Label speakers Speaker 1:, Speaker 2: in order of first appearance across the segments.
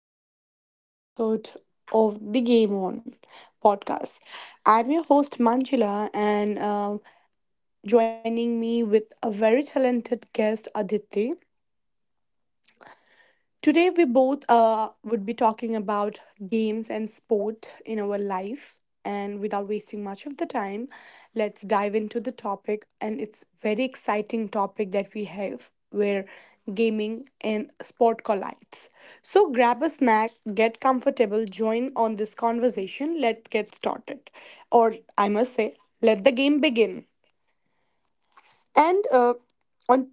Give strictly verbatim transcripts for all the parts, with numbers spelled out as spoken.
Speaker 1: back with another episode of the Game On podcast. I'm your host Manjula, and uh, joining me with a very talented guest Aditi. Today, we both uh, would be talking about games and sport in our life. And without wasting much of the time, let's dive into the topic. And it's very exciting topic that we have where gaming and sport collides. So grab a snack, get comfortable, join on this conversation. Let's get started. Or I must say, let the game begin. And uh, on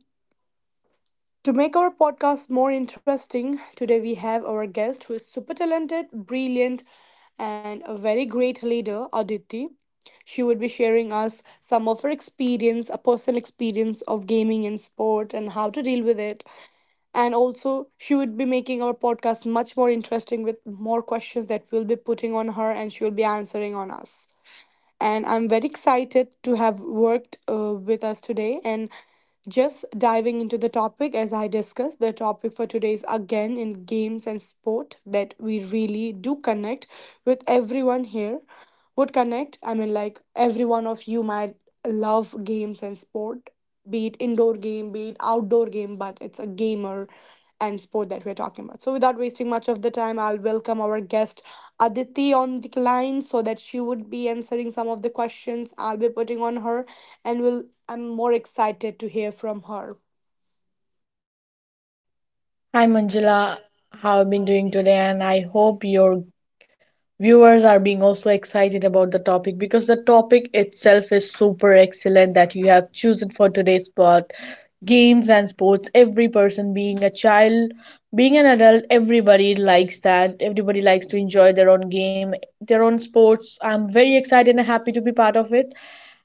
Speaker 1: to make our podcast more interesting, today we have our guest who is super talented, brilliant, and a very great leader, Aditi. She would be sharing us some of her experience, a personal experience of gaming and sport and how to deal with it. And also, she would be making our podcast much more interesting with more questions that we'll be putting on her and she will be answering on us, and I'm very excited to have worked uh, with us today. And just diving into the topic, as I discussed, the topic for today is again in games and sport that we really do connect with everyone here. Would connect, I mean, like every one of you might love games and sport, be it indoor game, be it outdoor game, but it's a gamer and sport that we're talking about. So without wasting much of the time, I'll welcome our guest Aditi on the line so that she would be answering some of the questions I'll be putting on her and will I'm more excited to hear from her.
Speaker 2: Hi Manjula, how have you been doing today? And I hope your viewers are being also excited about the topic because the topic itself is super excellent that you have chosen for today's part. Games and sports, every person being a child, being an adult, everybody likes that. Everybody likes to enjoy their own game, their own sports. I'm very excited and happy to be part of it.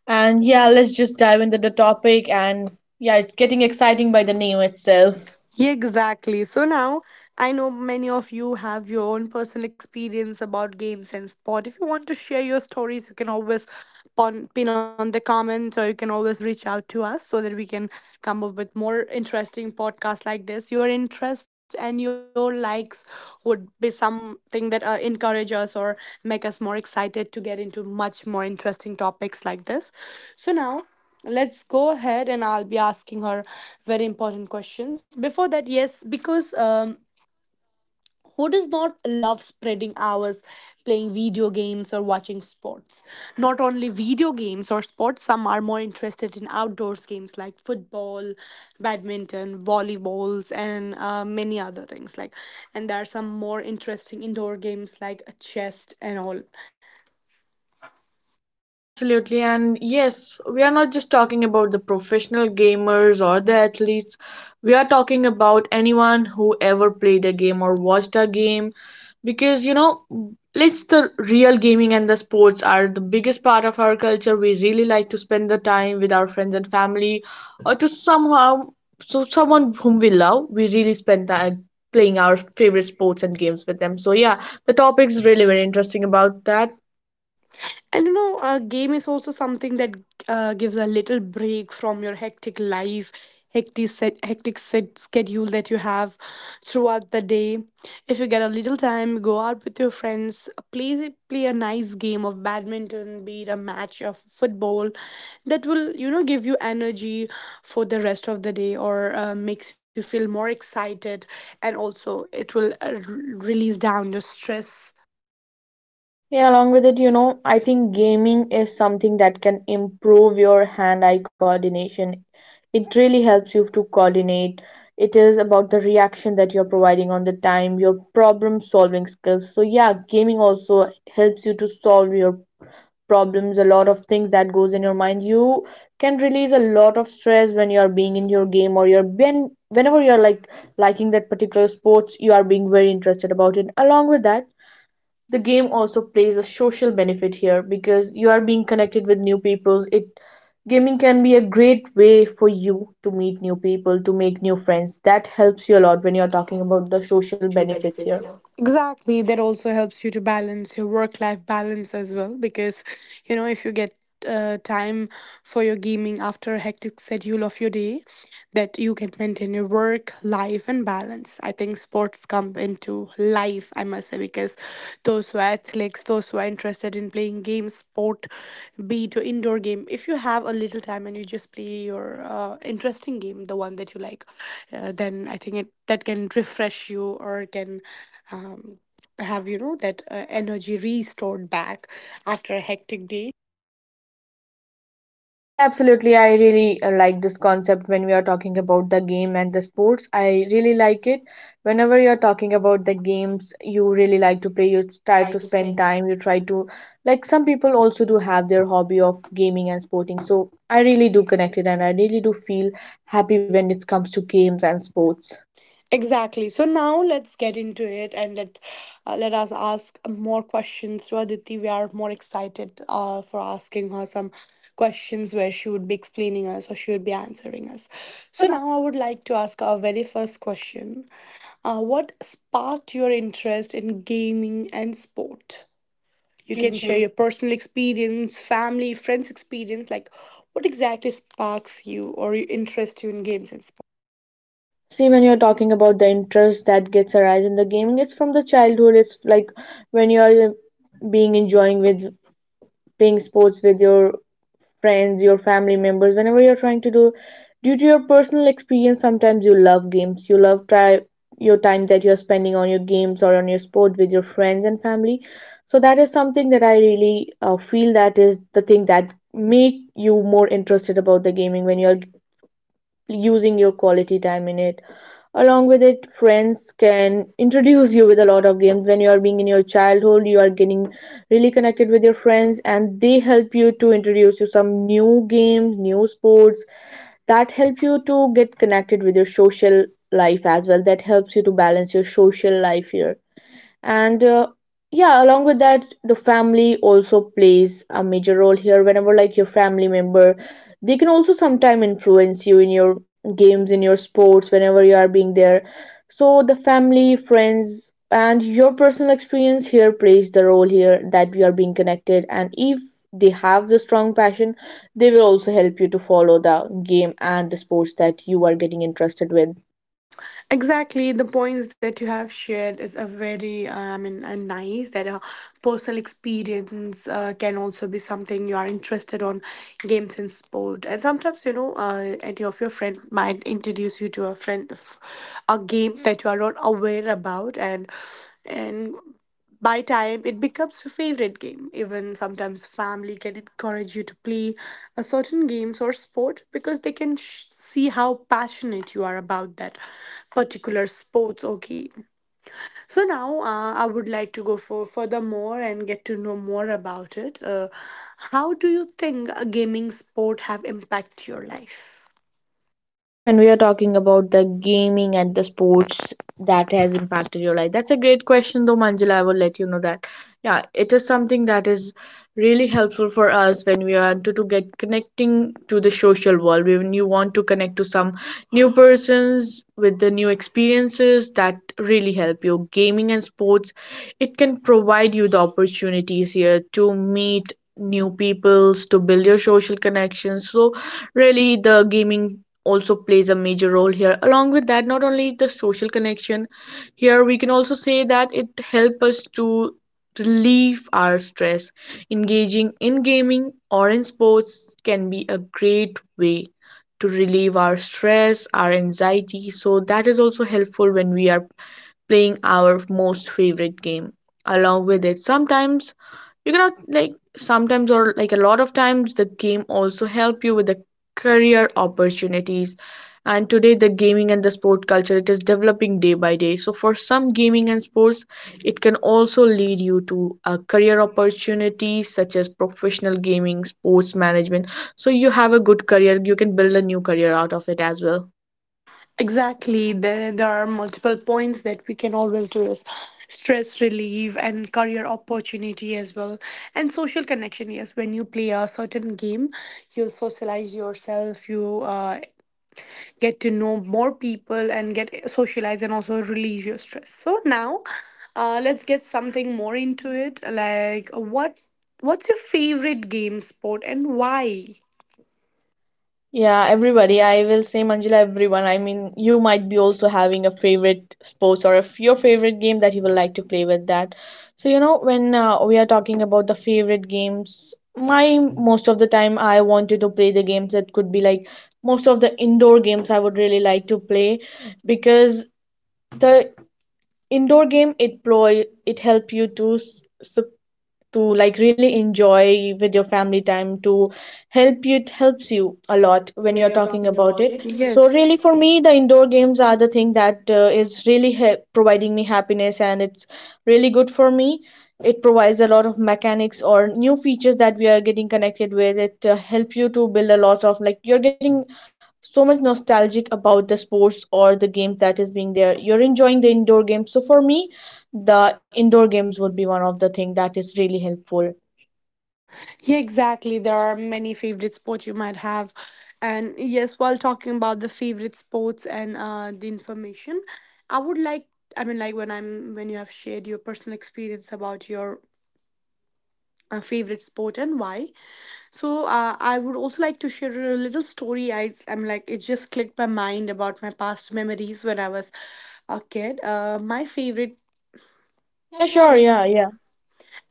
Speaker 2: And yeah, let's just dive into the topic and yeah, it's getting exciting by the name itself.
Speaker 1: Yeah, exactly. So now I know many of you have your own personal experience about games and sport. If you want to share your stories, you can always pon- pin on the comment or you can always reach out to us so that we can come up with more interesting podcasts like this. Your interest and your likes would be something that uh, encourage us or make us more excited to get into much more interesting topics like this. So now let's go ahead and I'll be asking her very important questions. Before that, yes, because um, who does not love spreading hours playing video games or watching sports? Not only video games or sports, some are more interested in outdoors games like football, badminton, volleyballs, and uh, many other things. Like, and there are some more interesting indoor games like a chess and all.
Speaker 2: Yeah, absolutely. And yes, we are not just talking about the professional gamers or the athletes. We are talking about anyone who ever played a game or watched a game because you know, it's the real gaming and the sports are the biggest part of our culture. We really like to spend the time with our friends and family or to somehow so someone whom we love, we really spend time playing our favorite sports and games with them. So yeah, the topic is really very interesting about that.
Speaker 1: And you know, a game is also something that uh, gives a little break from your hectic life, hectic set, hectic set schedule that you have throughout the day. If you get a little time, go out with your friends, play play a nice game of badminton, be it a match of football, that will you know give you energy for the rest of the day or uh, makes you feel more excited, and also it will uh, r- release down your stress
Speaker 2: Yeah, along with it, you know, I think gaming is something that can improve your hand eye coordination. It really helps you to coordinate. It is about the reaction that you're providing on the time, your problem solving skills. So yeah, gaming also helps you to solve your problems, a lot of things that goes in your mind. You can release a lot of stress when you are being in your game or you're when whenever you're like liking that particular sports, you are being very interested about it. Along with that, the game also plays a social benefit here because you are being connected with new people. It gaming can be a great way for you to meet new people to make new friends that helps you a lot when you're talking about the social
Speaker 1: social
Speaker 2: benefits
Speaker 1: benefit
Speaker 2: here.
Speaker 1: here. Exactly. That also helps you to balance your work life balance as well. Because, you know, if you get uh, time for your gaming after a hectic schedule of your day, that you can maintain your work life and balance. I think sports come into life, I must say, because those who are athletes, those who are interested in playing games sport, be it an indoor game, if you have a little time and you just play your uh, interesting game, the one that you like, uh, then I think it that can refresh you or can um, have you know that uh, energy restored back after a hectic day.
Speaker 2: Yeah, absolutely. I really uh, like this concept when we are talking about the game and the sports. I really like it. Whenever you're talking about the games you really like to play, you try to spend time, you try to, like, some people also do have their hobby of gaming and sporting. So I really do connect it and I really do feel happy when it comes to games and sports.
Speaker 1: Exactly. So now let's get into it and let uh, let us ask more questions to Aditi. We are more excited uh, for asking her some questions where she would be explaining us or she would be answering us. So now I would like to ask our very first question. Uh, what sparked your interest in gaming and sport?
Speaker 2: You
Speaker 1: You
Speaker 2: can
Speaker 1: can
Speaker 2: share.
Speaker 1: share
Speaker 2: Your-
Speaker 1: your personal experience, family, friends experience. Like, what exactly sparks you or you interest you in games and
Speaker 2: See, when you're talking about the interest that gets arise in the gaming, it's from the childhood. It's like when you're uh, being enjoying with playing sports with your friends, your family members, whenever you're trying to do, due to your personal experience, sometimes you love games. You love try your time that you're spending on your games or on your sport with your friends and family. So that is something that I really uh, feel that is the thing that make you more interested about the gaming when you're using your quality time in it, along with it friends can introduce you with a lot of games. When you are being in your childhood you are getting really connected with your friends and they help you to introduce you some new games, new sports that help you to get connected with your social life as well, that helps you to balance your social life here. And uh, yeah, along with that the family also plays a major role here, whenever like your family member, they can also sometime influence you in your games in your sports whenever you are being there. So the family, friends and your personal experience here plays the role here that we are being connected, and if they have the strong passion they will also help you to follow the game and the sports that you are getting interested with.
Speaker 1: exactly, the points that you have shared is a very, uh, I mean, uh, nice that a personal experience uh, can also be something you are interested on games and sport. And sometimes, you know, uh, any of your friend might introduce you to a friend, a game that you are not aware about, and and by time, it becomes your favorite game. Even sometimes, family can encourage you to play a certain games or sport because they can sh- see how passionate you are about that particular sports or game. So now, uh, I would like to go for furthermore and get to know more about it. Uh, how do you think a gaming sport have impact your life?
Speaker 2: See, when we are talking about the gaming and the sports that has impacted your life, that's a great question, though, Manjula. I will let you know that. Yeah, it is something that is really helpful for us when we are to, to get connecting to the social world. When you want to connect to some new persons with the new experiences, that really help you. Gaming and sports, it can provide you the opportunities here to meet new peoples to build your social connections. So really the gaming also plays a major role here. Along with that, not only the social connection here, we can also say that it helps us to relieve our stress. Engaging in gaming or in sports can be a great way to relieve our stress, our anxiety, so that is also helpful when we are playing our most favorite game. Along with it, sometimes you cannot like sometimes or like a lot of times the game also help you with the career opportunities. And today the gaming and the sport culture, it is developing day by day, so for some gaming and sports, it can also lead you to a career opportunities such as professional gaming, sports management. So you have a good career, you can build a new career out of it as well.
Speaker 1: Exactly. There, there are multiple points that we can always do is stress relief and career opportunity as well. And social connection, yes. When you play a certain game, you'll socialize yourself, you uh, get to know more people and get socialized and also relieve your stress. So now uh, let's get something more into it. Like what what's your favorite game sport and why?
Speaker 2: Yeah, everybody. I will say Manjula, everyone. I mean, you might be also having a favorite sports or if your favorite game that you would like to play with that. So, you know, when uh, we are talking about the favorite games, my most of the time I wanted to play the games that could be like most of the indoor games I would really like to play because the indoor game it ploy it help you to s- sup- to like really enjoy with your family time to help you, it helps you a lot when
Speaker 1: When
Speaker 2: you're
Speaker 1: you're
Speaker 2: talking
Speaker 1: talking
Speaker 2: about
Speaker 1: about
Speaker 2: it.
Speaker 1: it.
Speaker 2: So really
Speaker 1: Yes.
Speaker 2: for me the indoor games are the thing that uh, is really he- providing me happiness and it's really good for me. It provides a lot of mechanics or new features that we are getting connected with it, uh, help you to build a lot of, like you're getting so much nostalgic about the sports or the games that is being there, you're enjoying the indoor games. So for me the indoor games would be one of the thing that is really helpful.
Speaker 1: Yeah, exactly. There are many favorite sports you might have. And yes, while talking about the favorite sports and uh, the information, I would like, I mean, like when I'm, when you have shared your personal experience about your uh, favorite sport and why. So uh, I would also like to share a little story. I, I'm like, it just clicked my mind about my past memories when I was a kid. Uh, my favorite.
Speaker 2: yeah
Speaker 1: Yeah,
Speaker 2: sure
Speaker 1: sure.
Speaker 2: yeah
Speaker 1: Yeah,
Speaker 2: yeah
Speaker 1: yeah.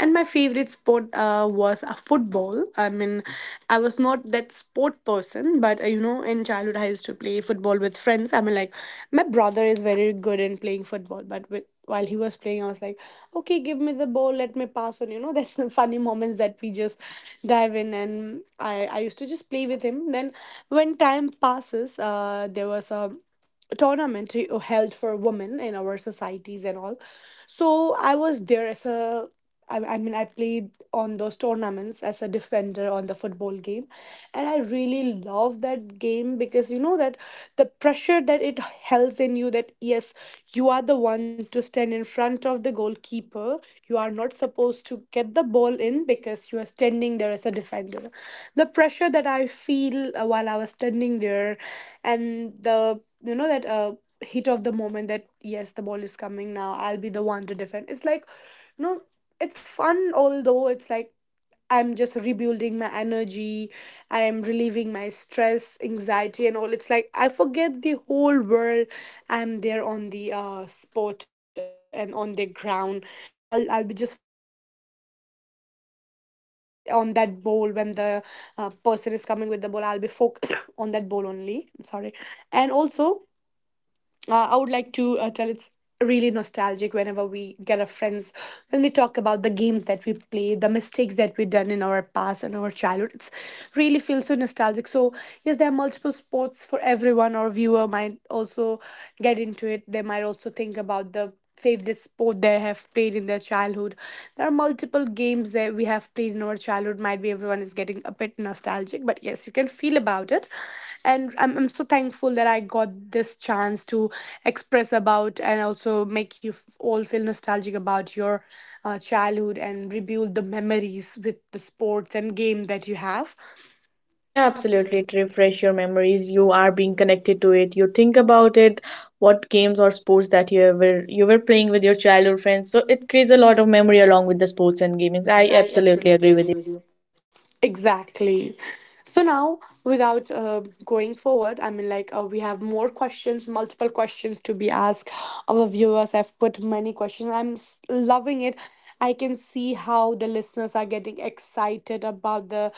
Speaker 1: And my favorite sport uh, was uh, football. I mean, I was not that sport person, but uh, you know, in childhood I used to play football with friends. I mean, like, my brother is very good in playing football, but with while he was playing, I was like, okay, give me the ball, let me pass on, you know. That's some funny moments that we just dive in, and i i used to just play with him. Then when time passes, uh there was a tournament held for women in our societies and all. So I was there as a, I, I mean, I played on those tournaments as a defender on the football game. And I really love that game because you know that the pressure that it holds in you that yes, you are the one to stand in front of the goalkeeper. You are not supposed to get the ball in because you are standing there as a defender. The pressure that I feel uh, while I was standing there, and the you know that uh, heat of the moment that yes, the ball is coming, now I'll be the one to defend. It's like, you know, it's fun, although it's like I'm just rebuilding my energy, I am relieving my stress, anxiety and all. It's like I forget the whole world. I'm there on the uh, spot and on the ground, and I'll, I'll be just focused on that game, yes, on that ball. When the uh, person is coming with the ball, I'll be focused on that ball only, I'm sorry. And also, uh, I would like to uh, tell, it's really nostalgic whenever we get our friends when we talk about the games that we played, the mistakes that we done in our past and our childhood. It's really feels so nostalgic. So yes, there are multiple sports for everyone. Our viewer might also get into it. They might also think about the favorite sport they have played in their childhood. There are multiple games that we have played in our childhood. Might be everyone is getting a bit nostalgic, but yes, you can feel about it. And I'm, I'm so thankful that I got this chance to express about and also make you f- all feel nostalgic about your uh, childhood and rebuild the memories with the sports and game that you have
Speaker 2: Yeah, absolutely, it refresh your memories, you are being connected to it, you think about it what games or sports that you were you were playing with your childhood friends. So it creates a lot of memory along with the sports and gaming. I
Speaker 1: evenings. I
Speaker 2: absolutely agree
Speaker 1: absolutely
Speaker 2: with
Speaker 1: agree
Speaker 2: you.
Speaker 1: with you. Exactly. So now, without uh, going forward, I mean, like, uh, we have more questions, multiple questions to be asked. Our viewers have put many questions. I'm s- loving it. I can see how the listeners are getting excited about the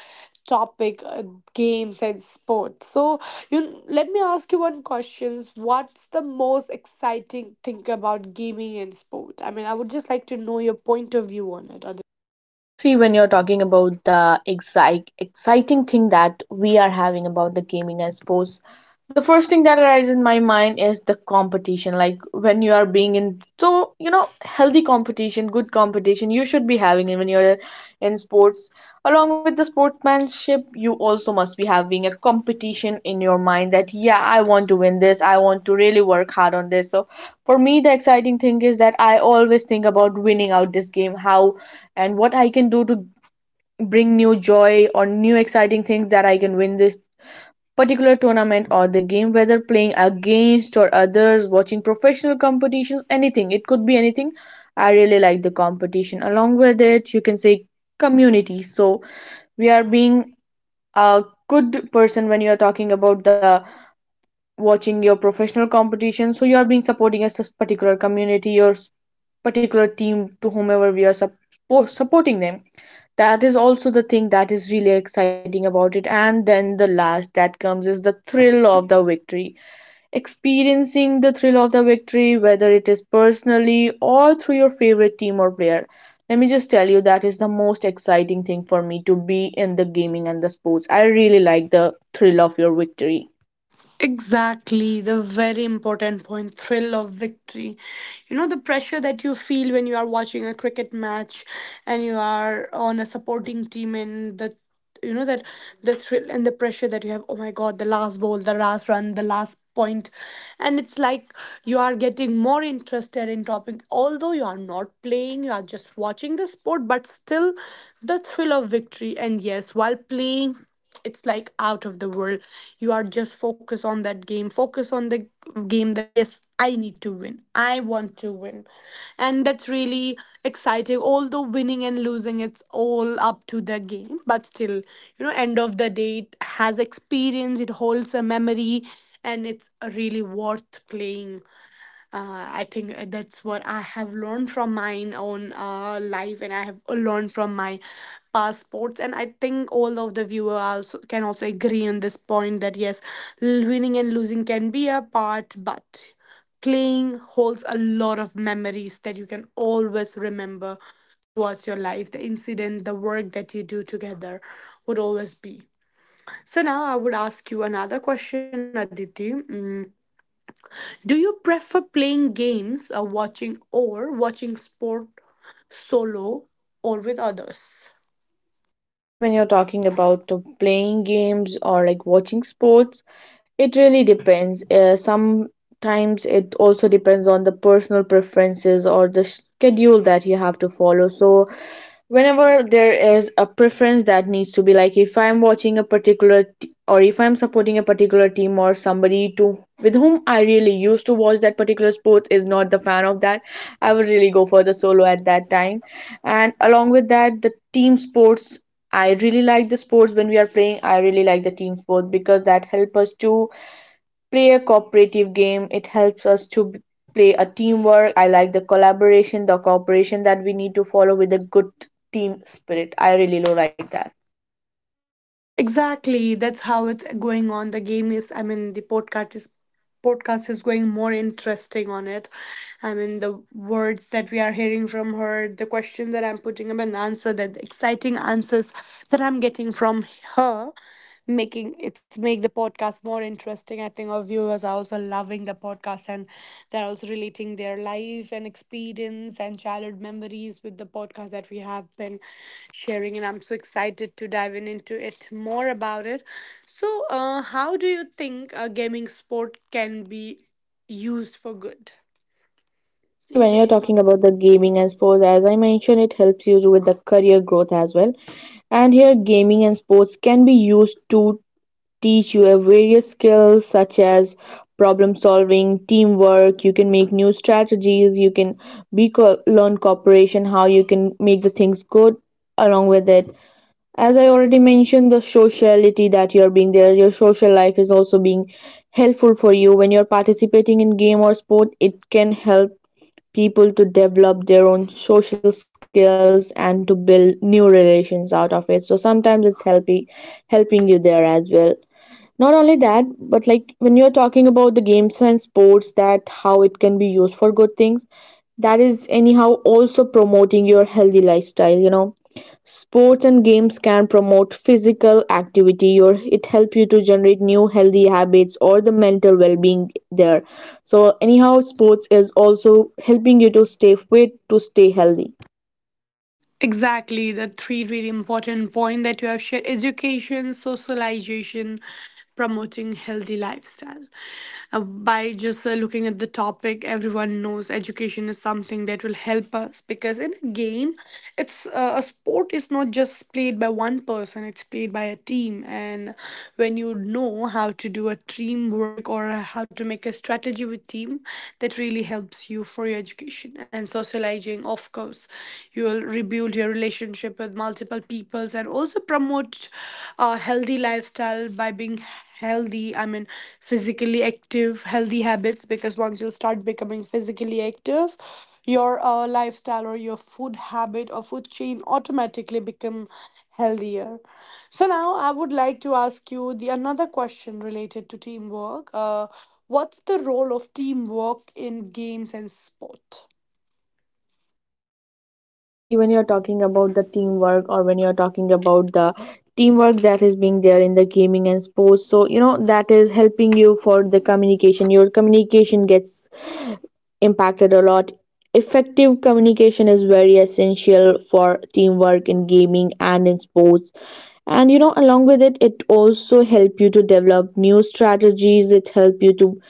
Speaker 1: topic, uh, games and sports. So, you let me ask you one questions. What's the most exciting thing about gaming and sport? I mean, I would just like to know your point of view on it.
Speaker 2: See, when you're talking about the excite, exciting thing that we are having about the gaming and sports, the first thing that arises in my mind is the competition. Like when you are being in, so you know, healthy competition, good competition, you should be having it when you're in sports. Along with the sportsmanship, you also must be having a competition in your mind that yeah, I want to win this. I want to really work hard on this. So for me, the exciting thing is that I always think about winning out this game. How and what I can do to bring new joy or new exciting things that I can win this particular tournament or the game, whether playing against or others, watching professional competitions, anything. It could be anything. I really like the competition. Along with it, you can say community. So we are being a good person when you are talking about the watching your professional competition, so you are being supporting a sus- particular community or s- particular team, to whomever we are suppo- supporting them, that is also the thing that is really exciting about it. And then the last that comes is the thrill of the victory, experiencing the thrill of the victory whether it is personally or through your favorite team or player. Let me just tell you that is the most exciting thing for me to be in the gaming and the sports. I really like the thrill of your victory.
Speaker 1: Exactly, the very important point thrill of victory. You know, the pressure that you feel when you are watching a cricket match and you are on a supporting team and the you know that the thrill and the pressure that you have, oh my god, the last ball, the last run, the last point. And it's like you are getting more interested in topic although you are not playing, you are just watching the sport, but still the thrill of victory. And yes, while playing it's like out of the world. You are just focus on that game, focus on the game that yes, I need to win, I want to win. And that's really exciting. Although winning and losing it's all up to the game, but still, you know, end of the day it has experience, it holds a memory and it's really worth playing. uh, I think uh, that's what I have learned from my own uh, life, and I have uh, learned from my past sports. And I think all of the viewer also can also agree on this point that yes, l- winning and losing can be a part, but playing holds a lot of memories that you can always remember throughout your life. The incident, the work that you do together would always be. So now I would ask you another question, Aditi. Mm, do you prefer playing games or watching or watching sport solo or with others?
Speaker 2: See, when you're talking about uh, playing games or like watching sports, it really depends. Uh, sometimes it also depends on the personal preferences or the schedule that you have to follow. So, whenever there is a preference that needs to be like, if I'm watching a particular t- or if I'm supporting a particular team or somebody to with whom I really used to watch that particular sports is not the fan of that, I would really go for the solo at that time. And along with that, the team sports, I really like the sports when we are playing. I really like the team sport because that helps us to play a cooperative game. It helps us to b- play a teamwork. I like the collaboration, the cooperation that we need to follow with a good team spirit. I really do like that.
Speaker 1: Exactly, that's how it's going on. The game is, I mean, the podcast is podcast is going more interesting on it. I mean, the words that we are hearing from her, the question that I'm putting up, and the answer that the exciting answers that I'm getting from her. Making it's make the podcast more interesting. I think our viewers are also loving the podcast and they're also relating their life and experience and childhood memories with the podcast that we have been sharing. And I'm so excited to dive in into it more about it. So, uh, how do you think uh, gaming sport can be used for good?
Speaker 2: See, when you're talking about the gaming and sports, as I mentioned, it helps you with the career growth as well. And here, gaming and sports can be used to teach you a various skills such as problem solving, teamwork. You can make new strategies, you can be co- learn cooperation, how you can make the things good. Along with it, as I already mentioned, the sociality that you're being there, your social life is also being helpful for you. When you're participating in game or sport, it can help people to develop their own social skills and to build new relations out of it. So sometimes it's helping helping you there as well. Not only that, but like when you're talking about the games and sports, that how it can be used for good things, that is anyhow also promoting your healthy lifestyle, you know. Sports and games can promote physical activity, or it help you to generate new healthy habits or the mental well-being there. So anyhow sports is also helping you to stay fit, to stay healthy.
Speaker 1: Exactly, the three really important point that you have shared, education, socialization, promoting healthy lifestyle. Uh, by just uh, looking at the topic, everyone knows education is something that will help us because in a game, it's uh, a sport is not just played by one person, it's played by a team. And when you know how to do a teamwork or how to make a strategy with team, that really helps you for your education. And socializing, of course, you will rebuild your relationship with multiple peoples and also promote a healthy lifestyle by being healthy, I mean physically active, healthy habits, because once you start becoming physically active your uh, lifestyle or your food habit or food chain automatically become healthier. So now I would like to ask you the another question related to teamwork. uh, What's the role of teamwork in games and sport?
Speaker 2: See, when you're talking about the teamwork, or when you're talking about the teamwork that is being there in the gaming and sports, so you know that is helping you for the communication. Your communication gets impacted a lot. Effective communication is very essential for teamwork in gaming and in sports. And you know, along with it, it also help you to develop new strategies. It help you to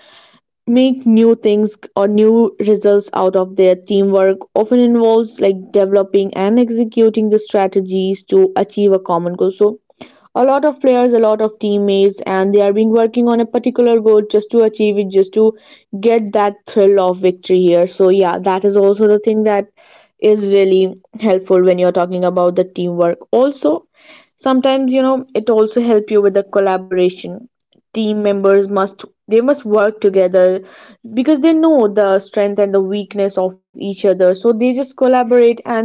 Speaker 2: make new things or new results out of their teamwork. Often involves like developing and executing the strategies to achieve a common goal. So a lot of players, a lot of teammates, and they are been working on a particular goal, just to achieve it, just to get that thrill of victory here. So yeah, that is also the thing that is really helpful when you're talking about the teamwork. Also, sometimes you know it also help you with the collaboration. Team members must, they must work together, because they know the strength and the weakness of each other, so they just collaborate and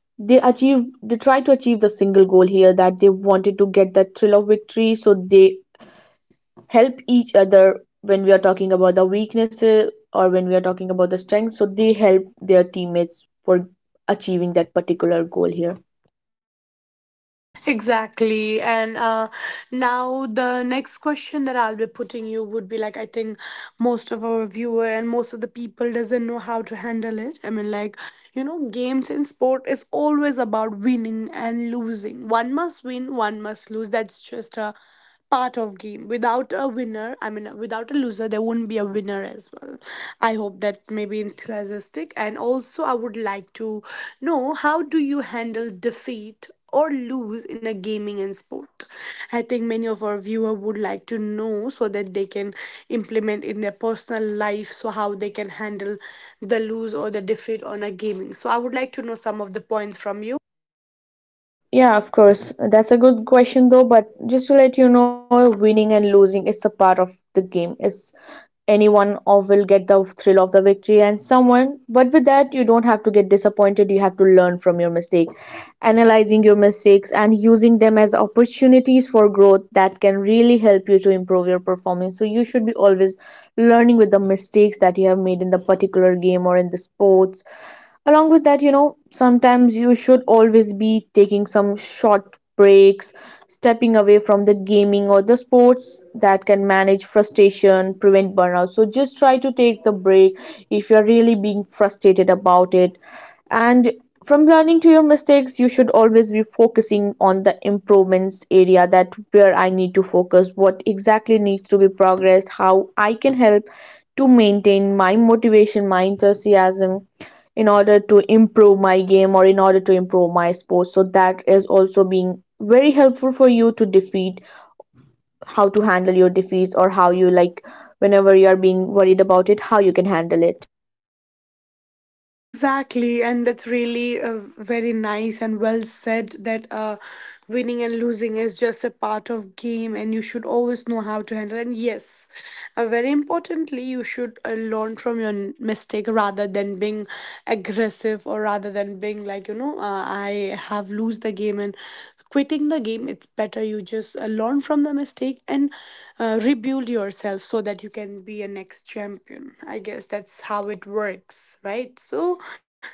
Speaker 2: they achieve they try to achieve the single goal here that they wanted, to get that thrill of victory. So they help each other when we are talking about the weaknesses or when we are talking about the strengths, so they help their teammates for achieving that particular goal here.
Speaker 1: Exactly. And uh, now the next question that I'll be putting you would be like, I think most of our viewer and most of the people doesn't know how to handle it. I mean, like, you know, games in sport is always about winning and losing. One must win, one must lose. That's just a part of game. Without a winner, I mean without a loser, there wouldn't be a winner as well. I hope that may be enthusiastic. And also I would like to know, how do you handle defeat or lose in a gaming and sport? I think many of our viewer would like to know so that they can implement in their personal life, so how they can handle the lose or the defeat on a gaming. So I would like to know some of the points from you.
Speaker 2: Yeah, of course. That's a good question, though. But just to let you know, winning and losing is a part of the game. It's anyone of will get the thrill of the victory and someone. But with that, you don't have to get disappointed. You have to learn from your mistake, analyzing your mistakes and using them as opportunities for growth that can really help you to improve your performance. So you should be always learning with the mistakes that you have made in the particular game or in the sports. Along with that, you know, sometimes you should always be taking some short breaks, stepping away from the gaming or the sports. That can manage frustration, prevent burnout. So just try to take the break if you're really being frustrated about it. And from learning to your mistakes, you should always be focusing on the improvements area, that where I need to focus, what exactly needs to be progressed, how I can help to maintain my motivation, my enthusiasm, in order to improve my game or in order to improve my sports. So that is also being very helpful for you to defeat, how to handle your defeats, or how you like, whenever you are being worried about it, how you can handle it.
Speaker 1: Exactly, and that's really uh, very nice and well said that uh, winning and losing is just a part of game, and you should always know how to handle. And yes, uh, very importantly, you should uh, learn from your n- mistake rather than being aggressive, or rather than being like, you know, uh, I have lose the game and quitting the game. It's better you just uh, learn from the mistake and uh, rebuild yourself so that you can be a next champion, I guess that's how it works, right? So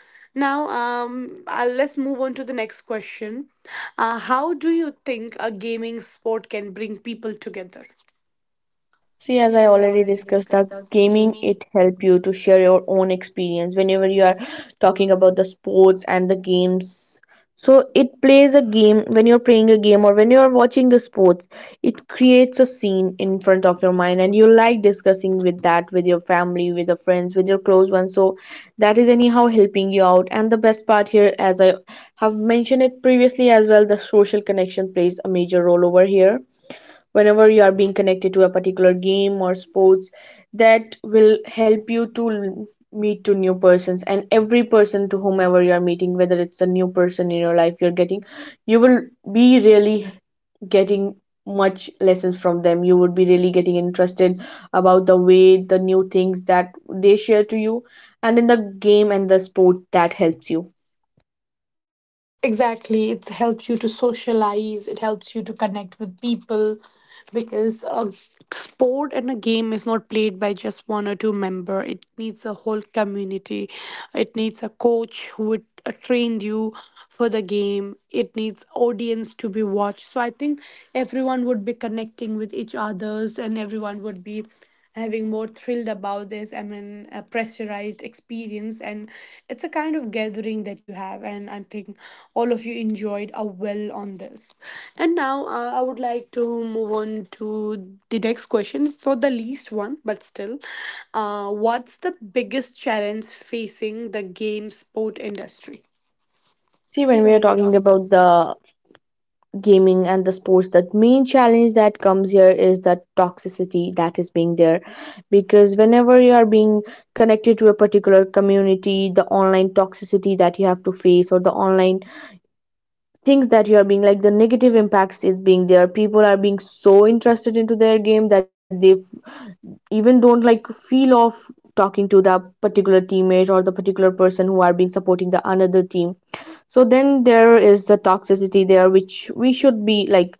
Speaker 1: now um uh, let's move on to the next question. Uh, how do you think a gaming sport can bring people together?
Speaker 2: See, as
Speaker 1: See,
Speaker 2: I
Speaker 1: as I
Speaker 2: already
Speaker 1: already
Speaker 2: discussed, that
Speaker 1: discussed, the
Speaker 2: gaming,
Speaker 1: gaming.
Speaker 2: it help you to share your own experience whenever you are talking about the sports and the games. So it plays a game when you're playing a game or when you're watching the sports. It creates a scene in front of your mind, and you like discussing with that with your family, with your friends, with your close ones. So that is anyhow helping you out. And the best part here, as I have mentioned it previously as well, the social connection plays a major role over here. Whenever you are being connected to a particular game or sports, that will help you to l- meet to new persons. And every person to whomever you are meeting, whether it's a new person in your life, you're getting, you will be really getting much lessons from them. You would be really getting interested about the way, the new things that they share to you and in the game and the sport, that helps you.
Speaker 1: Exactly. It helps you to socialize, it helps you to connect with people, because a sport and a game is not played by just one or two member. It needs a whole community. It needs a coach who would uh, train you for the game. It needs audience to be watched. So I think everyone would be connecting with each others, and everyone would be having more thrilled about this, I mean a pressurized experience. And it's a kind of gathering that you have, and I think all of you enjoyed a well on this. And now uh, I would like to move on to the next question. It's not the least one, but still, uh, what's the biggest challenge facing the game sport industry?
Speaker 2: See,
Speaker 1: See,
Speaker 2: when we
Speaker 1: when
Speaker 2: are
Speaker 1: we are
Speaker 2: talking
Speaker 1: talking.
Speaker 2: about the gaming and the sports, the main challenge that comes here is the toxicity that is being there. Because whenever you are being connected to a particular community, the online toxicity that you have to face, or the online things that you are being like, the negative impacts is being there. People are being so interested into their game that they f- even don't like feel of talking to the particular teammate or the particular person who are being supporting the another team. So then there is the toxicity there, which we should be like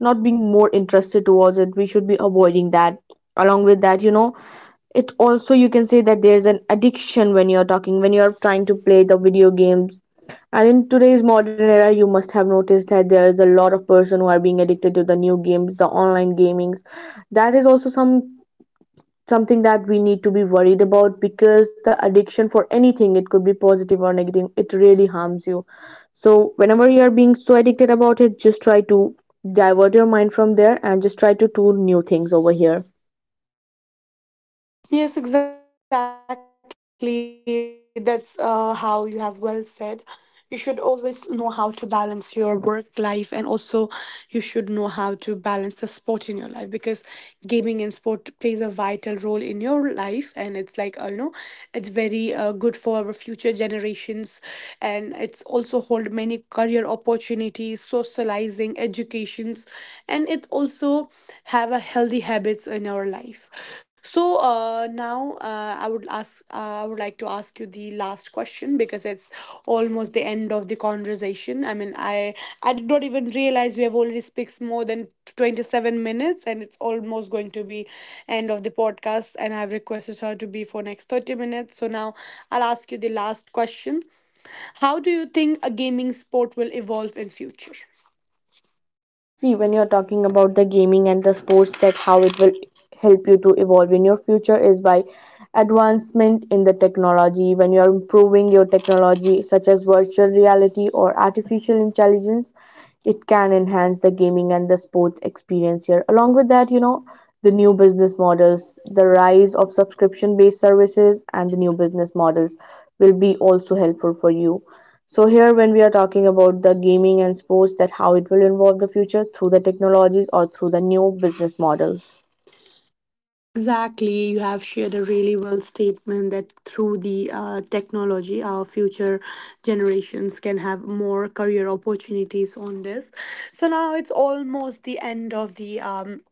Speaker 2: not being more interested towards it. We should be avoiding that. Along with that, you know, it also, you can say that there's an addiction when you're talking, when you're trying to play the video games. And in today's modern era, you must have noticed that there is a lot of person who are being addicted to the new games, the online gamings. That is also some something that we need to be worried about, because the addiction for anything, it could be positive or negative, it really harms you. So whenever you are being so addicted about it, just try to divert your mind from there and just try to do new things over here.
Speaker 1: Yes, exactly. That's uh, how you have well said. You should always know how to balance your work life, and also you should know how to balance the sport in your life, because gaming and sport plays a vital role in your life, and it's like uh, you know, it's very uh, good for our future generations, and it's also hold many career opportunities, social, socializing, educations, and it also have a healthy habits in our life. So uh, now uh, I would ask, uh, I would like to ask you the last question, because it's almost the end of the conversation. I mean, i i did not even realize we have already speaks more than twenty-seven minutes, and it's almost going to be end of the podcast, and I've requested her to be for next thirty minutes. So now I'll ask you the last question. How do you think a gaming sport will evolve in future?
Speaker 2: See, when you're talking about the gaming and the sports, that how it will help you to evolve in your future is by advancement in the technology. When you're improving your technology, such as virtual reality or artificial intelligence, it can enhance the gaming and the sports experience here. Along with that, you know, the new business models, the rise of subscription based services, and the new business models will be also helpful for you. So here when we are talking about the gaming and sports, that how it will involve the future through the technologies or through the new business models.
Speaker 1: Exactly. You have shared a really well statement that through the uh, technology, our future generations can have more career opportunities on this. So now it's almost the end of the um,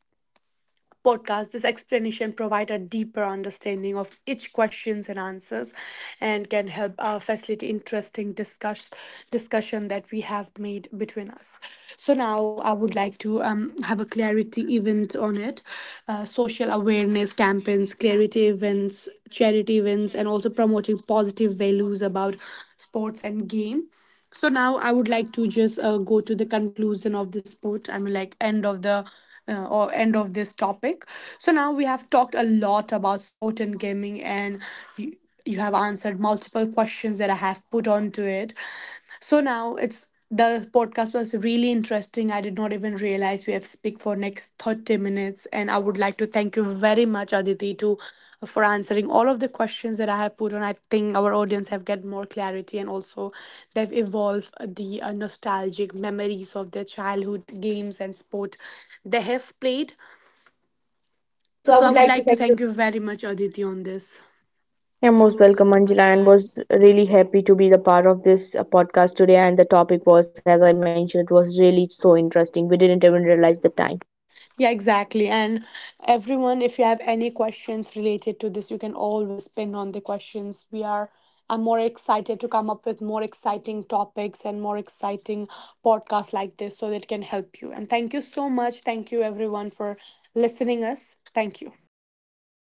Speaker 1: podcast. This explanation provide a deeper understanding of each questions and answers, and can help uh, facilitate interesting discuss discussion that we have made between us. So now I would like to um, have a clarity event on it. Uh, social awareness campaigns, clarity events, charity events, and also promoting positive values about sports and game. So now I would like to just uh, go to the conclusion of this sport. I mean, like end of the uh, or end of this topic. So now we have talked a lot about sport and gaming, and you, you have answered multiple questions that I have put onto it. So now it's the podcast was really interesting. I did not even realize we have speak for next thirty minutes, and I would like to thank you very much, Aditi, to for answering all of the questions that I have put on. I think our audience have get more clarity, and also they've evolved the uh, nostalgic memories of their childhood games and sport they have played.
Speaker 2: So I
Speaker 1: So I
Speaker 2: would
Speaker 1: would
Speaker 2: like to
Speaker 1: like to
Speaker 2: thank you.
Speaker 1: thank you very much, Aditi, on this.
Speaker 2: You're
Speaker 1: You're
Speaker 2: most
Speaker 1: most
Speaker 2: welcome,
Speaker 1: welcome,
Speaker 2: Anjila, and
Speaker 1: Anjana.
Speaker 2: was really happy to be the part of this uh, podcast today. And the topic was, as I mentioned, it was really so interesting. We didn't even realize the time.
Speaker 1: Yeah, exactly. And everyone, if you have any questions related to this, you can always pin on the questions. We are, I'm more excited to come up with more exciting topics and more exciting podcasts like this so that it can help you. And thank you so much. Thank you everyone for listening us. Thank you.